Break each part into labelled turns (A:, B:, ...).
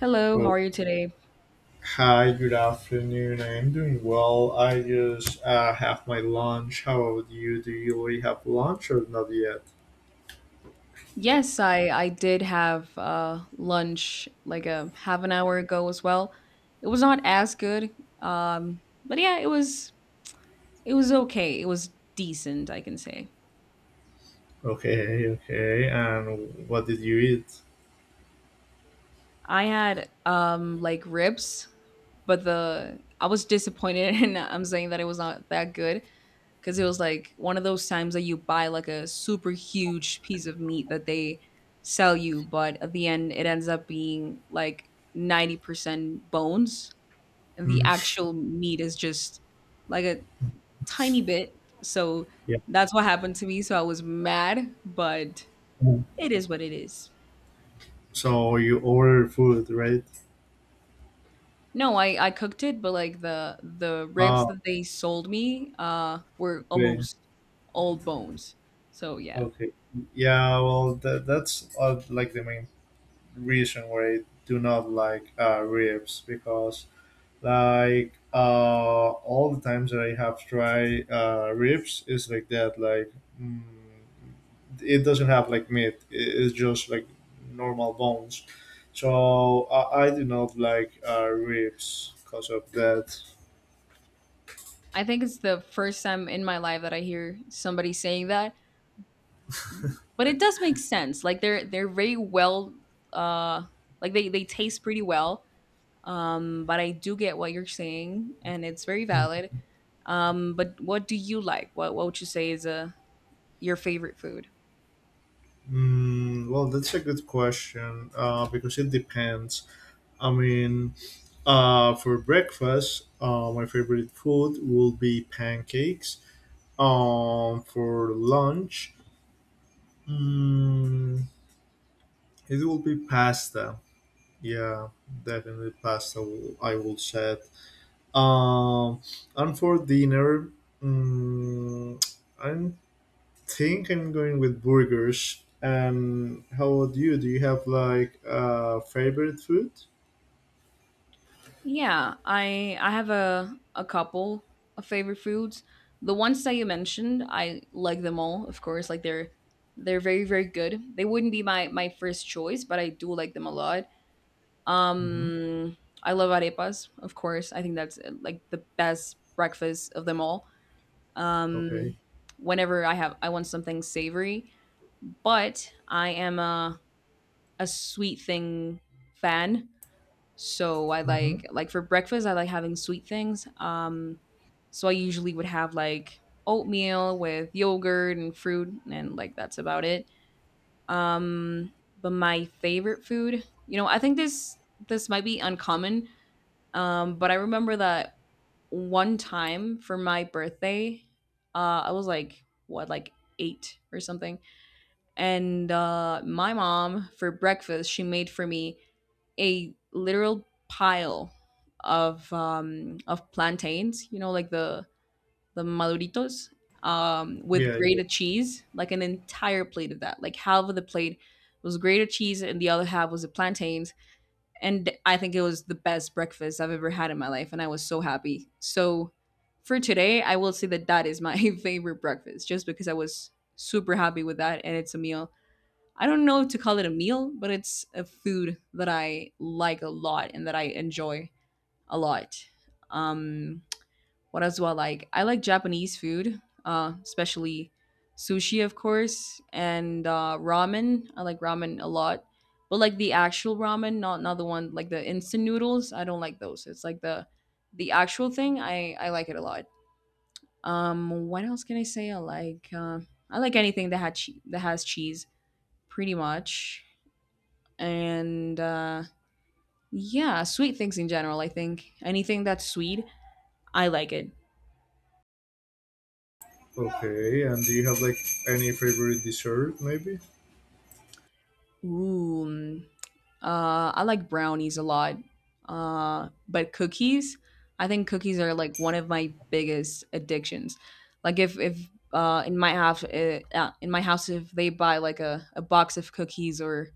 A: Hello, how
B: Oh,
A: are you today?
B: hi, good afternoon. I am doing well. I just have my lunch. How about you? Do you already have lunch or not yet?
A: Yes, I did have lunch like a half an hour ago as well. It was not as good. But it was okay. It was decent, I can say.
B: Okay, okay. And what did you eat?
A: I had like ribs, but the I was disappointed and I'm saying that it was not that good because it was like one of those times that you buy like a super huge piece of meat that they sell you, but at the end it ends up being like 90% bones, and the
B: Hmm,
A: actual meat is just like a tiny bit. So
B: yeah.
A: that's what happened to me. So I was mad, but it is what it is.
B: So you ordered food, right?
A: No, I cooked it, but like the ribs
B: Ah,
A: that they sold me were
B: okay,
A: almost all bones. So yeah.
B: okay. Yeah, well, that's like the main reason why I do not like ribs because like all the times that I have tried ribs is like that. Like mm, it doesn't have like meat. It's just like normal bones. So I do not like ribs because of that.
A: I think it's the first time in my life that I hear somebody saying that, but it does make sense. Like they're very well, uh, like they taste pretty well. But I do get what you're saying, and it's very valid. But what do you like? What would you say is your favorite food?
B: Well, that's a good question because it depends. I mean, for breakfast, my favorite food will be pancakes. For lunch, Mm, it will be pasta. Yeah, definitely pasta. I will chat. Um, and for dinner, mm, I think I'm going with burgers. And how about you? Do you have like a favorite food?
A: Yeah, I have a couple of favorite foods. The ones that you mentioned, I like them all, of course. Like they're very very good. They wouldn't be my first choice, but I do like them a lot.
B: Mm-hmm.
A: Um, I love arepas, of course. I think that's like the best breakfast of them all.
B: Okay.
A: Um, whenever I want something savory, but I am a sweet thing fan. So I
B: Mm-hmm.
A: like for breakfast I like having sweet things. So I usually would have like oatmeal with yogurt and fruit, and like that's about it. Um but my favorite food, you know, I think this might be uncommon, but I remember that one time for my birthday, I was like what like 8 or something, and my mom for breakfast she made for me a literal pile of plantains, you know, like the maduritos, with
B: Yeah, yeah.
A: grated cheese, like an entire plate of that. Like half of the plate was grated cheese, and the other half was the plantains. And I think it was the best breakfast I've ever had in my life, and I was so happy. So for today, I will say that that is my favorite breakfast, just because I was super happy with that, and it's a meal. I don't know if to call it a meal, but it's a food that I like a lot and that I enjoy a lot. Um, what else do I like? I like Japanese food, especially sushi, of course, and ramen. I like ramen a lot, but like the actual ramen, not the one like the instant noodles. I don't like those. It's like the actual thing. I like it a lot. What else can I say? I like anything that has cheese, pretty much, and yeah, sweet things in general. I think anything that's sweet, I like it.
B: Okay. And do you have like any favorite dessert? Maybe.
A: Ooh, mm, I like brownies a lot, but cookies. I think cookies are like one of my biggest addictions. Like if in my house in my house if they buy like a box of cookies or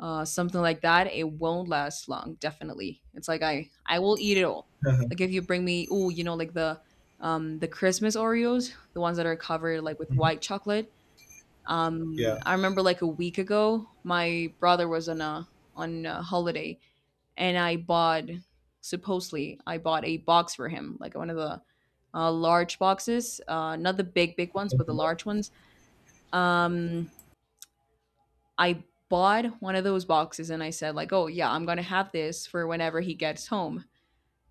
A: something like that, it won't last long. Definitely, it's like I will eat it all. Like if you bring me, oh, you know, like the Christmas Oreos, the ones that are covered like with
B: Mhm.
A: white chocolate.
B: Yeah.
A: I remember like a week ago, my brother was on a holiday, and I bought a box for him, like one of the large boxes, not the big big ones, but the large ones. Um, I bought one of those boxes and I said like, "Oh yeah, I'm going to have this for whenever he gets home."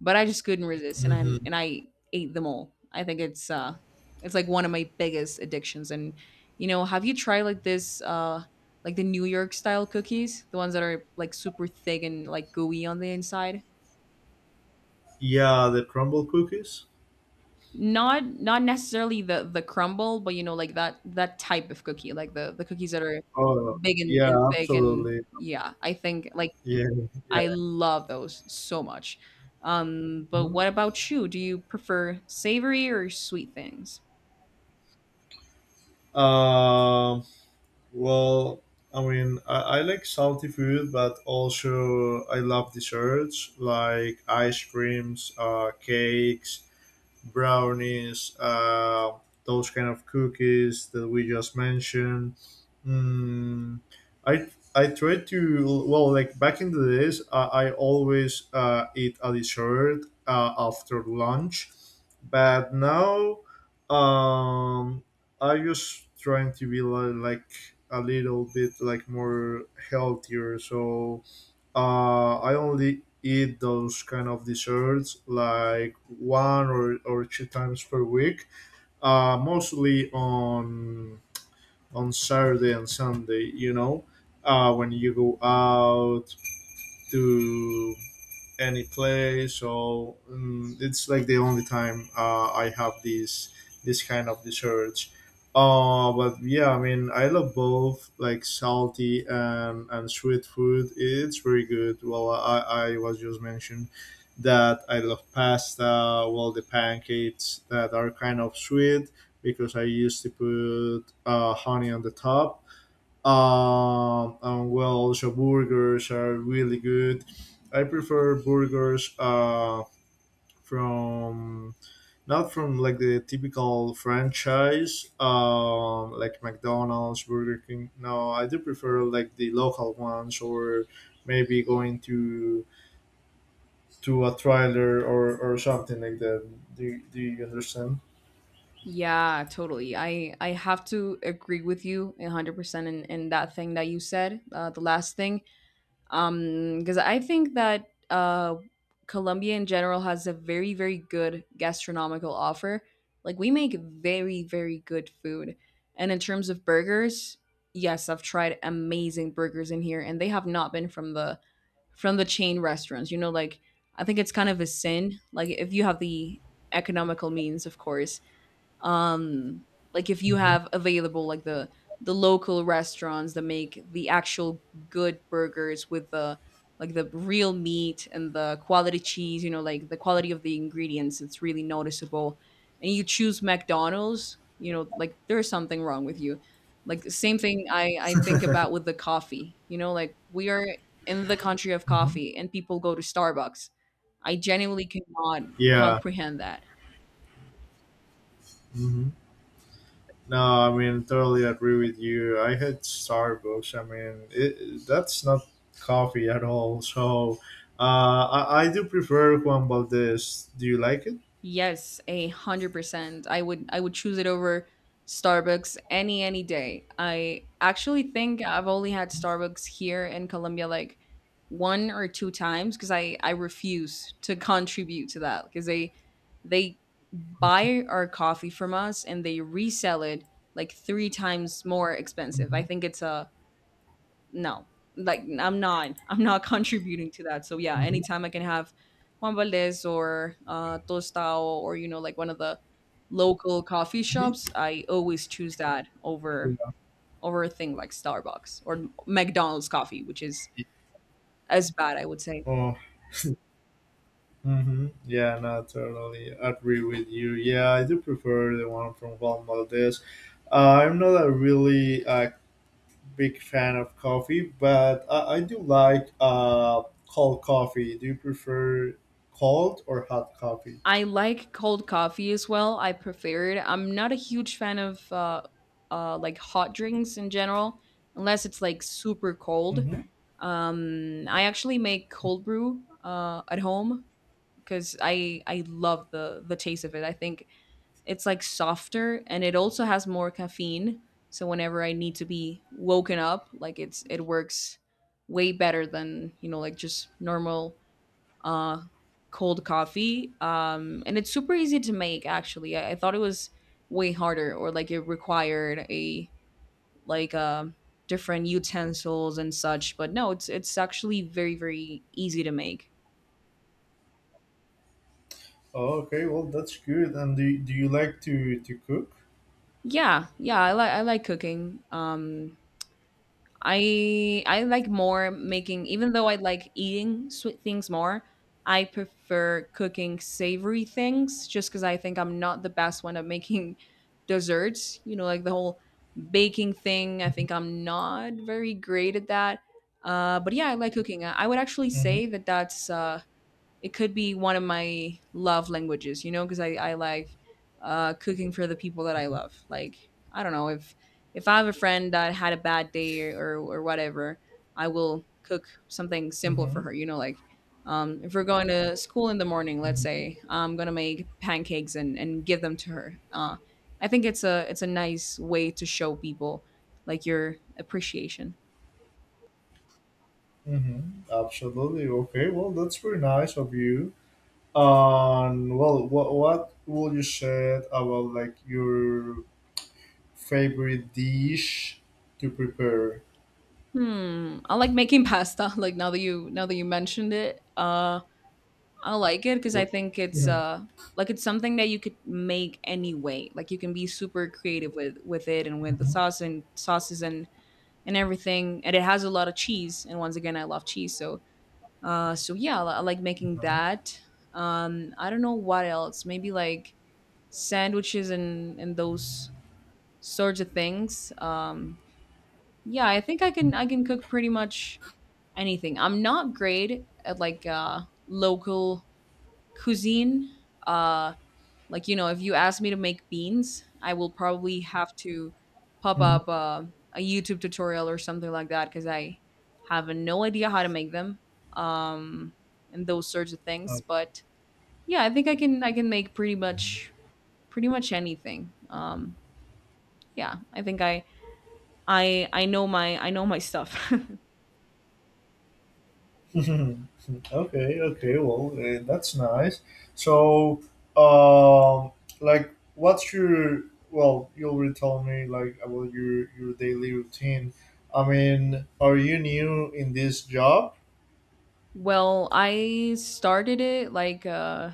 A: But I just couldn't resist, and I
B: Hmm.
A: and I ate them all. I think it's It's like one of my biggest addictions, and you know, have you tried like this like the New York style cookies, the ones that are like super thick and like gooey on the inside?
B: Yeah. The crumble cookies.
A: Not necessarily the crumble, but you know like that type of cookie, like the cookies that are
B: Oh,
A: big and
B: yeah,
A: thick, and
B: absolutely.
A: yeah, I think like
B: Yeah, yeah.
A: I love those so much. But
B: Mhm.
A: what about you? Do you prefer savory or sweet things?
B: Um, well, I mean, I like salty food, but also I love desserts like ice creams, cakes, brownies, those kind of cookies that we just mentioned. Mm, I I try to well like back in the days I always eat a dessert after lunch, but now um, I just trying to be like a little bit like more healthier so I only eat those kind of desserts like one or two times per week, mostly on Saturday and Sunday. You know, when you go out to any play. So it's like the only time I have this kind of dessert. But yeah, I mean, I love both like salty and sweet food. It's very good. Well, I was just mentioned that I love pasta, well, the pancakes that are kind of sweet because I used to put honey on the top, and well, also burgers are really good. I prefer burgers from not from like the typical franchise, like McDonald's, Burger King. No, I do prefer like the local ones, or maybe going to a trailer or something like that. Do you understand?
A: Yeah, totally. I have to agree with you 100% in that thing that you said, the last thing. Because I think that, Colombia in general has a very, very good gastronomical offer. Like we make very, very good food. And in terms of burgers, yes, I've tried amazing burgers in here, and they have not been from the chain restaurants. You know, like I think it's kind of a sin. Like if you have the economical means, of course, um like if you
B: Hmm.
A: have available like the local restaurants that make the actual good burgers with the like the real meat and the quality cheese, you know, like the quality of the ingredients, it's really noticeable, and you choose McDonald's, you know, like there's something wrong with you. Like the same thing I think about with the coffee, you know, like we are in the country of
B: Hmm.
A: coffee and people go to Starbucks. I genuinely cannot
B: Yeah.
A: comprehend that.
B: Mhm. No, I mean totally agree with you. I hate Starbucks. I mean, that's not coffee at all. So, I do prefer Juan Valdez. Do you like it?
A: Yes, 100%. I would choose it over Starbucks any day. I actually think I've only had Starbucks here in Colombia like one or two times because I refuse to contribute to that, because they buy our coffee from us and they resell it like three times more expensive. I
B: Mm-hmm.
A: think it's a no. Like I'm not contributing to that. So yeah,
B: Mm-hmm.
A: anytime I can have Juan Valdez or Tostao or, you know, like one of the local coffee shops, I always choose that over
B: Yeah.
A: over a thing like Starbucks or McDonald's coffee, which is as bad, I would say.
B: Oh, mm-hmm, yeah, no, totally agree with you. Yeah, I do prefer the one from Juan Valdez. I'm not a really big fan of coffee, but I do like cold coffee. Do you prefer cold or hot coffee?
A: I like cold coffee as well. I prefer it. I'm not a huge fan of like hot drinks in general, unless it's like super cold.
B: Mm-hmm.
A: I actually make cold brew at home because I love the taste of it. I think it's like softer and it also has more caffeine. So whenever I need to be woken up, like it works way better than, you know, like just normal, uh, cold coffee. And it's super easy to make, actually. I thought it was way harder or like it required a like different utensils and such. But no, it's actually very very easy to make.
B: Oh, okay, well, that's good. And do you like to cook?
A: Yeah, yeah, I like cooking. I like more making, even though I like eating sweet things more, I prefer cooking savory things, just cuz I think I'm not the best one at making desserts, you know, like the whole baking thing. I think I'm not very great at that. But yeah, I like cooking. I would actually say
B: Mm-hmm.
A: that that's it could be one of my love languages, you know, because, I like cooking for the people that I love. Like, I don't know if I have a friend that had a bad day, whatever, I will cook something simple for
B: Mm-hmm.
A: her, you know, like if we're going to school in the morning, let's
B: Mm-hmm.
A: say I'm gonna make pancakes and give them to her. I think it's a It's a nice way to show people like your appreciation.
B: Mm-hmm. Absolutely. Okay, well, that's very nice of you. Well, what will you say about like your favorite dish to prepare?
A: Hmm, I like making pasta. Like now that you mentioned it, I like it because I
B: Okay.
A: think it's
B: Yeah.
A: like it's something that you could make anyway. Like you can be super creative with it and with the
B: Mhm.
A: sauce and sauces and everything. And it has a lot of cheese. And once again, I love cheese. So yeah, I like making
B: Mhm.
A: that. I don't know what else. Maybe like sandwiches and those sorts of things. Yeah, I think I can cook pretty much anything. I'm not great at like local cuisine. uh like, you know, if you ask me to make beans, I will probably have to pop
B: Mhm.
A: up a YouTube tutorial or something like that because I have no idea how to make them. um and those sorts of things. But yeah, I think I can make pretty much anything. Yeah, I think I know my stuff.
B: Okay. Well, that's nice. So, um, like, what's your? Well, you already told me like about your daily routine. I mean, are you new in this job?
A: Well, I started it like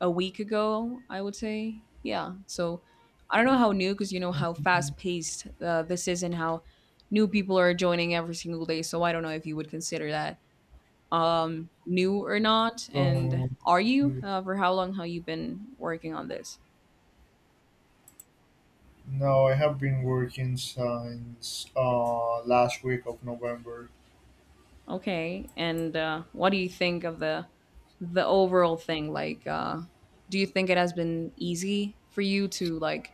A: a week ago, I would say. Yeah. So I don't know how new, because you know how fast paced this is and how new people are joining every single day. So I don't know if you would consider that new or not. And
B: Um,
A: are you? For how long have you been working on this?
B: no, I have been working since last week of November.
A: Okay. And what do you think of the overall thing? Like, do you think it has been easy for you to like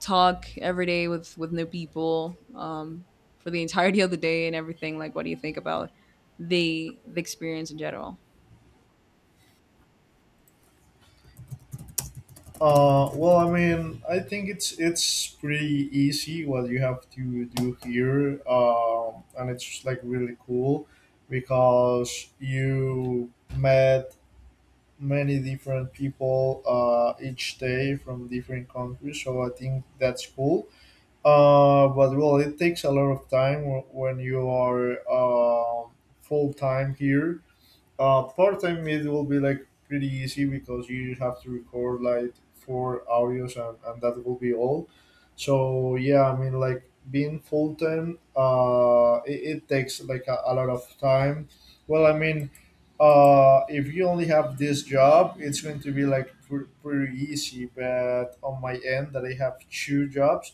A: talk every day with new people for the entirety of the day and everything. Like, what do you think about the experience in general?
B: Well, I mean, I think it's pretty easy what you have to do here, and it's like really cool because you met many different people each day from different countries. So I think that's cool. But well, it takes a lot of time when you are full time here. Part time it will be like pretty easy because you just have to record like four audios and that will be all. So yeah, I mean like being full time, it takes like a lot of time. Well, I mean, if you only have this job, it's going to be like pretty easy. But on my end, that I have two jobs,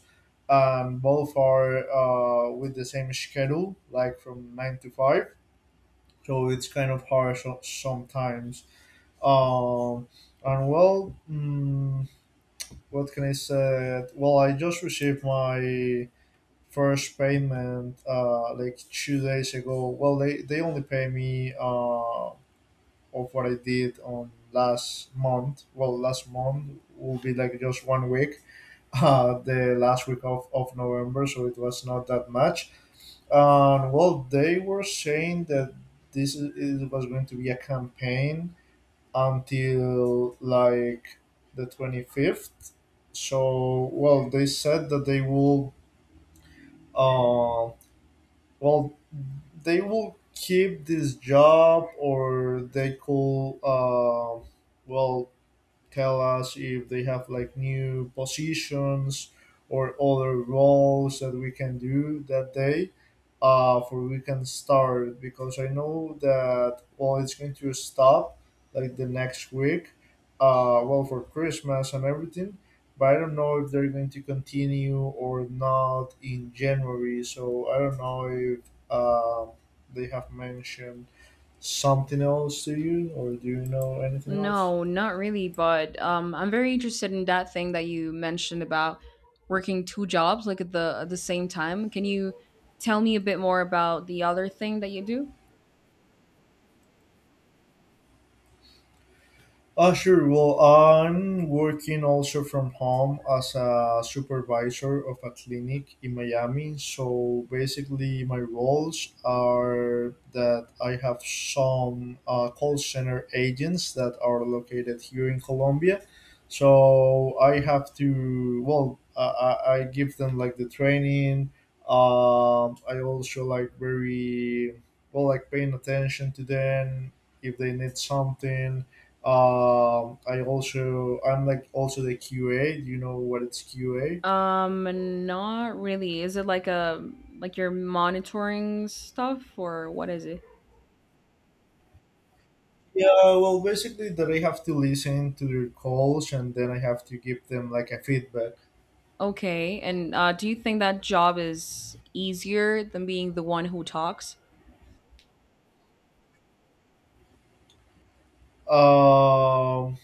B: and both are with the same schedule, like from nine to five, so it's kind of harsh sometimes. Um, and well, what can I say? Well, I just received my first payment like 2 days ago. Well, they only pay me of what I did on last month. Well, last month will be like just one week, the last week of November, so it was not that much. And well, they were saying that it was going to be a campaign until like the 25th. So, well, they said that they will, uh, well, they will keep this job, or they could, well, tell us if they have like new positions or other roles that we can do that day for we can start, because I know that well it's going to stop like the next week, well, for Christmas and everything. But I don't know if they're going to continue or not in January, so I don't know if uh, they have mentioned something else to you, or do you know anything else?
A: No, not really, but I'm very interested in that thing that you mentioned about working two jobs like at the same time. Can you tell me a bit more about the other thing that you do?
B: Sure. Well, I'm working also from home as a supervisor of a clinic in Miami. So basically, my roles are that I have some call center agents that are located here in Colombia. So I have to, well, I give them like the training. I also like very, well, like paying attention to them if they need something. I also I'm like also the QA. Do you know what it's QA?
A: Not really. Is it like a like you're monitoring stuff, or what is it?
B: Yeah, well, basically that I have to listen to their calls and then I have to give them like a feedback.
A: Okay, and do you think that job is easier than being the one who talks?
B: Um,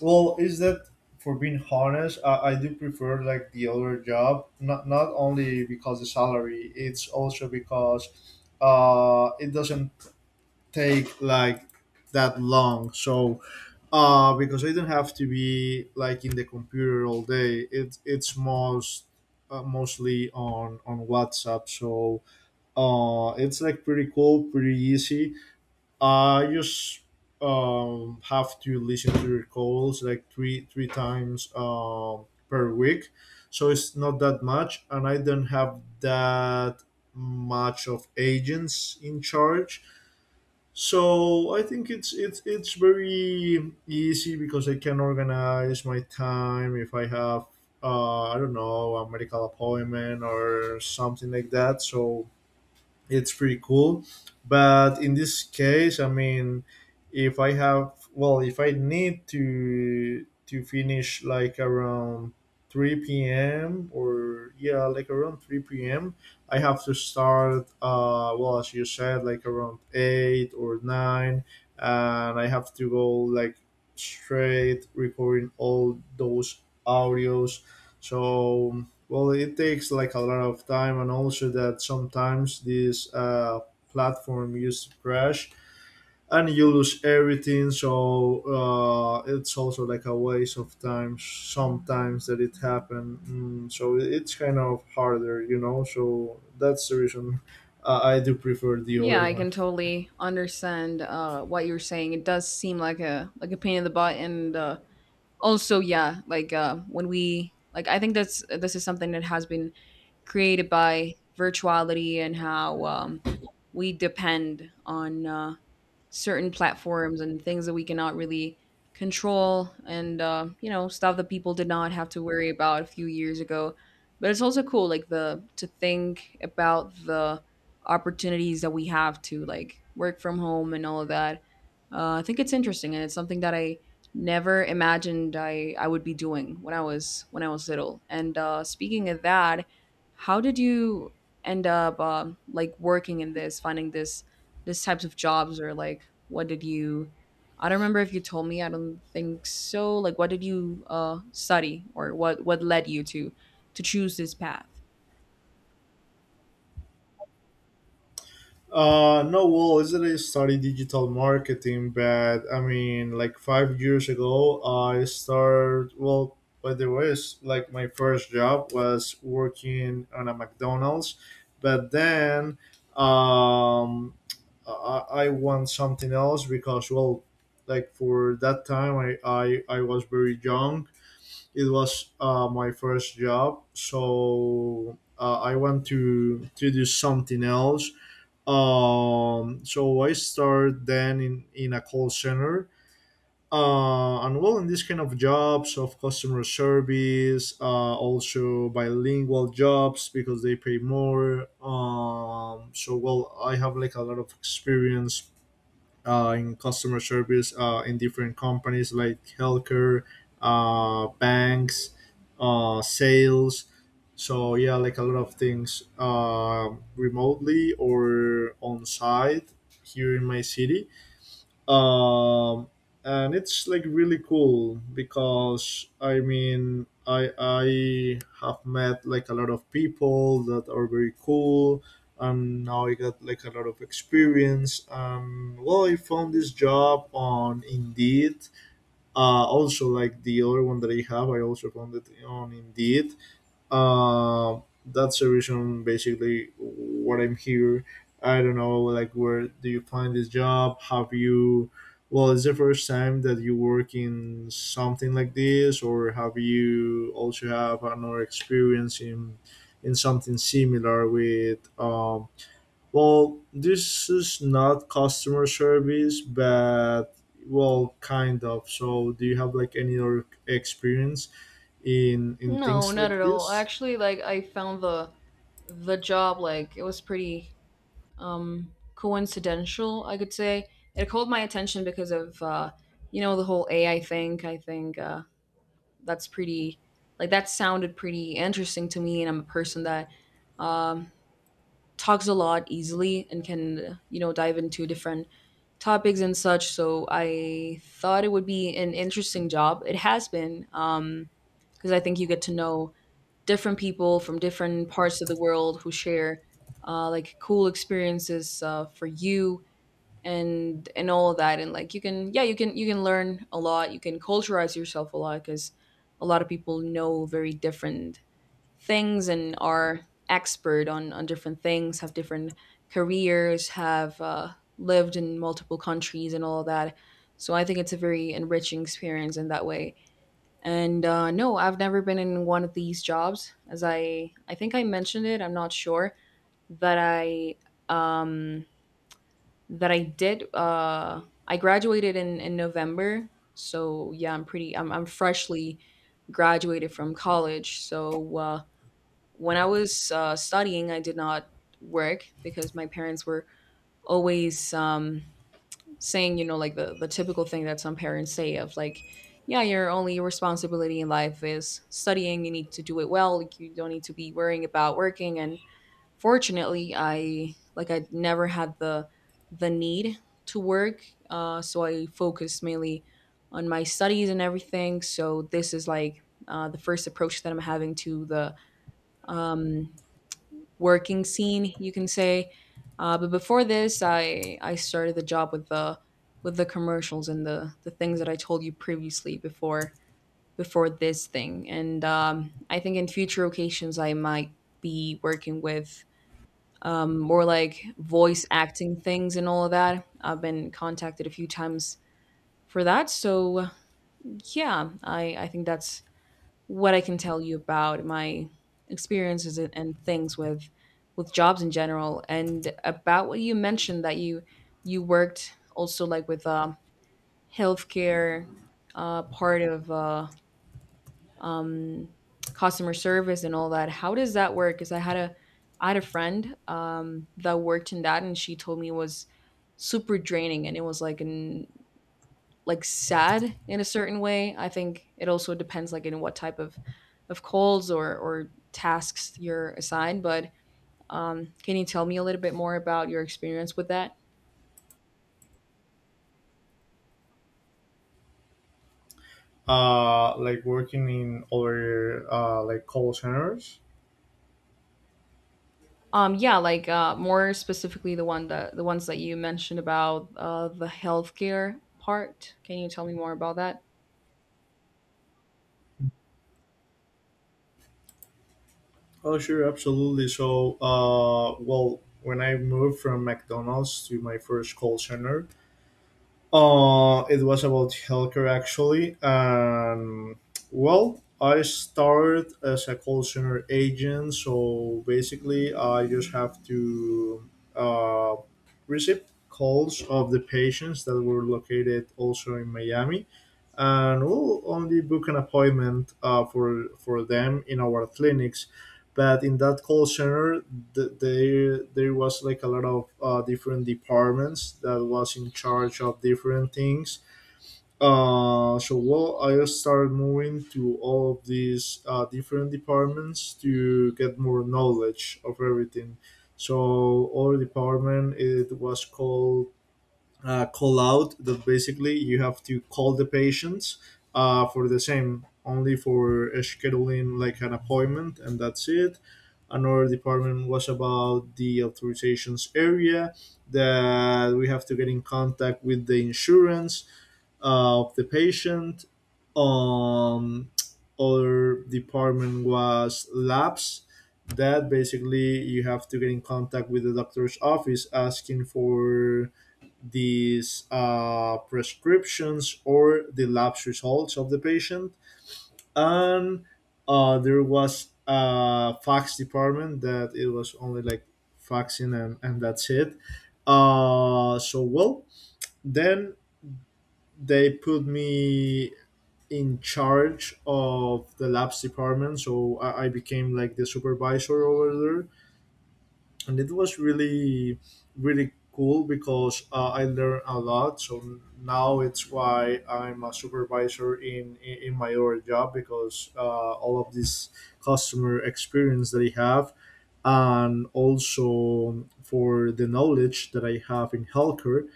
B: well, is that for being honest? I do prefer like the other job, not only because the salary, it's also because it doesn't take like that long. So because I don't have to be like in the computer all day. It's mostly on WhatsApp, so it's like pretty cool, pretty easy. I just have to listen to your calls like three times per week, so it's not that much, and I don't have that much of agents in charge, so I think it's very easy because I can organize my time if I have I don't know a medical appointment or something like that. So it's pretty cool. But in this case, I mean, if I have, well, if I need to finish like around three p.m., or yeah, like around three p.m., I have to start. Well, as you said, like around eight or nine, and I have to go like straight recording all those audios. So well, it takes like a lot of time, and also that sometimes this platform used to crash and you lose everything. So it's also like a waste of time sometimes that it happened. So it's kind of harder. So that's the reason I do prefer the
A: Yeah,
B: other
A: i
B: one.
A: can totally understand what you're saying. It does seem like a pain in the butt, and also, yeah, when we like, I think that's this is something that has been created by virtuality and how we depend on certain platforms and things that we cannot really control, and you know, stuff that people did not have to worry about a few years ago. But it's also cool like the to think about the opportunities that we have to like work from home and all of that. I think it's interesting, and it's something that I never imagined I would be doing when I was little. And speaking of that, how did you end up like working in this, finding this, this types of jobs? Or like what did you, I don't remember if you told me, I don't think so, like what did you study? Or what led you to choose this path?
B: No, well, actually I studied digital marketing, but I mean, like 5 years ago, I started. Well, by the way, it's like my first job was working on a McDonald's, but then um, I want something else because, well, like for that time, I was very young. It was my first job, so I want to do something else, so I started then in a call center. And well, in this kind of jobs of customer service, also bilingual jobs because they pay more. So well, I have like a lot of experience in customer service in different companies like healthcare, banks, sales. So yeah, like a lot of things remotely or on site here in my city, um, and it's like really cool because I mean I have met like a lot of people that are very cool, and now I got like a lot of experience, and well, I found this job on Indeed. Also, like the other one that I have, I also found it on Indeed. That's the reason basically what I'm here. I don't know, like, where do you find this job? Have you, well, it's the first time that you work in something like this, or have you also have another experience in something similar with, well, this is not customer service, but well, kind of. So, do you have like any other experience in
A: No,
B: things
A: not
B: like
A: at all.
B: this?
A: Actually, like I found the job, like it was pretty um coincidental, I could say. It called my attention because of you know, the whole AI thing. I think that's pretty, like that sounded pretty interesting to me, and I'm a person that um, talks a lot easily and can, you know, dive into different topics and such. So I thought it would be an interesting job. It has been, because I think you get to know different people from different parts of the world who share like cool experiences for you and all of that. And like you can, yeah, you can learn a lot, you can culturize yourself a lot, because a lot of people know very different things and are expert on different things, have different careers, have lived in multiple countries and all of that. So I think it's a very enriching experience in that way. And no, I've never been in one of these jobs. As I think I mentioned it, I'm not sure that I um that I did. I graduated in November, so yeah, I'm pretty. I'm freshly graduated from college. So when I was studying, I did not work because my parents were always saying, you know, like the typical thing that some parents say of like. Yeah, your only responsibility in life is studying. You need to do it well. Like you don't need to be worrying about working. And fortunately, I like I never had the need to work, so I focused mainly on my studies and everything. So this is like the first approach that I'm having to the um, working scene, you can say. But before this, I started the job with the commercials and the things that I told you previously before this thing. And I think in future occasions I might be working with more like voice acting things and all of that. I've been contacted a few times for that. So yeah, I think that's what I can tell you about my experiences and things with jobs in general. And about what you mentioned that you worked also like with healthcare part of um, customer service and all that. How does that work? Because I had a friend that worked in that, and she told me it was super draining, and it was like an like sad in a certain way. I think it also depends like in what type of calls or tasks you're assigned. But can you tell me a little bit more about your experience with that?
B: Like working in other like call centers.
A: Yeah, like more specifically the one that the ones that you mentioned about the healthcare part. Can you tell me more about that?
B: Oh sure, absolutely. So well, when I moved from McDonald's to my first call center, it was about healthcare actually. And well, I started as a call center agent, so basically I just have to uh receive calls of the patients that were located also in Miami, and we'll only book an appointment for them in our clinics. But in that call center, there was like a lot of different departments that was in charge of different things. So well, I started moving to all of these different departments to get more knowledge of everything. So our department, it was called call out, that basically you have to call the patients for the same, only for scheduling like an appointment, and that's it. Another department was about the authorizations area, that we have to get in contact with the insurance of the patient. um Other department was labs, that basically you have to get in contact with the doctor's office asking for these prescriptions or the labs results of the patient. And there was a fax department that it was only like faxing, and that's it. Uh, so, well, then they put me in charge of the labs department. So I became like the supervisor over there. And it was really really cool because I learned a lot. So now it's why I'm a supervisor in my other job, because all of this customer experience that I have, and also for the knowledge that I have in healthcare.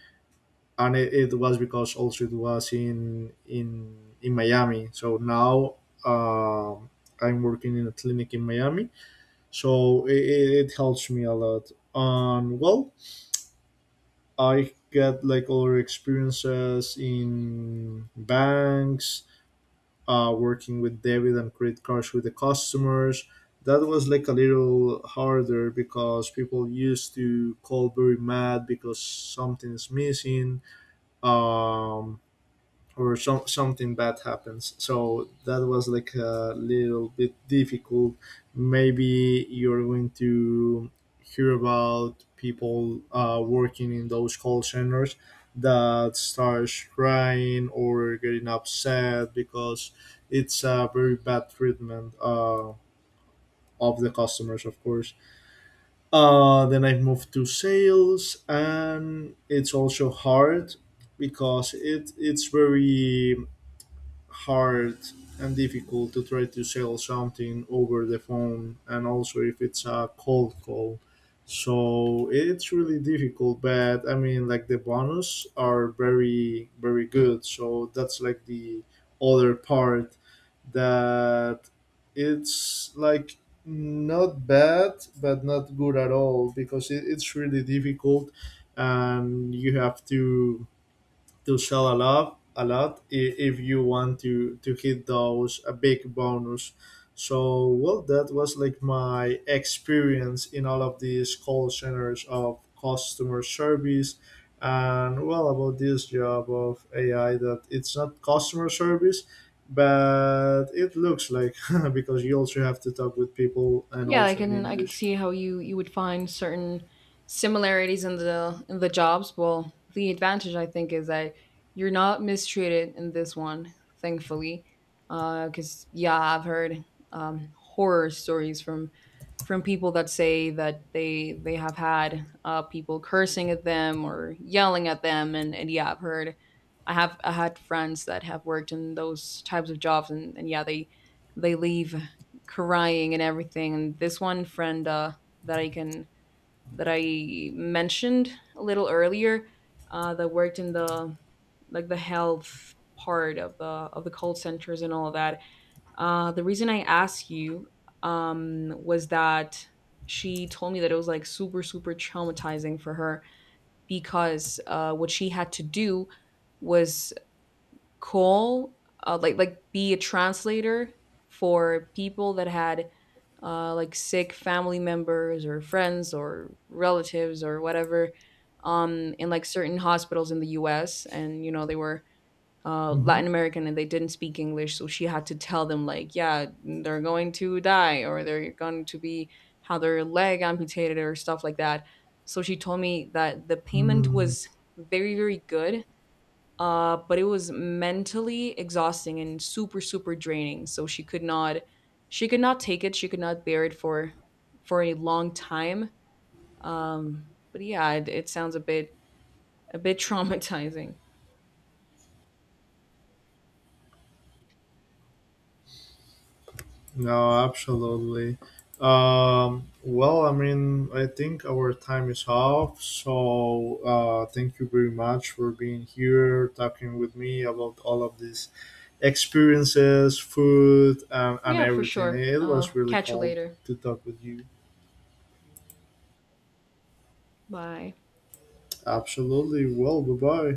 B: And it was because also it was in Miami. So now um, I'm working in a clinic in Miami, so it helps me a lot. And well, I get like other experiences in banks, working with debit and credit cards with the customers. That was like a little harder because people used to call very mad because something is missing, um, or something bad happens. So that was like a little bit difficult. Maybe you're going to hear about people working in those call centers that starts crying or getting upset because it's a very bad treatment of the customers, of course. Then I moved to sales, and it's also hard because it's very hard and difficult to try to sell something over the phone, and also if it's a cold call. So it's really difficult, but I mean, like the bonus are very very good, so that's like the other part that it's like not bad but not good at all, because it's really difficult and you have to sell a lot a lot, if you want to hit those a big bonus. So well, that was like my experience in all of these call centers of customer service. And well, about this job of AI, that it's not customer service but it looks like, because you also have to talk with people, and
A: Yeah,
B: also in
A: I can
B: English.
A: see how you would find certain similarities in the jobs. Well, the advantage I think is that you're not mistreated in this one, thankfully. Because yeah, I've heard horror stories from people that say that they have had people cursing at them or yelling at them, and yeah, I've heard I had friends that have worked in those types of jobs, and yeah, they leave crying and everything. And this one friend that I can that I mentioned a little earlier, that worked in the like the health part of the call centers and all of that. The reason I asked you was that she told me that it was like super super traumatizing for her because what she had to do was call like be a translator for people that had like sick family members or friends or relatives or whatever in like certain hospitals in the U.S., and you know, they were
B: Hmm.
A: Latin American and they didn't speak English, so she had to tell them like, yeah, they're going to die, or they're going to be have their leg amputated or stuff like that. So she told me that the payment
B: Hmm.
A: was very very good but it was mentally exhausting and super, super draining. So she could not take it. She could not bear it for a long time. But yeah, it sounds a bit traumatizing.
B: No, absolutely. Well, I mean, I think our time is up. So, thank you very much for being here, talking with me about all of these experiences, food, and
A: Yeah, for
B: everything.
A: sure.
B: It was really
A: Catch you
B: cool
A: later.
B: to talk with you.
A: Bye.
B: Absolutely. Well, bye bye.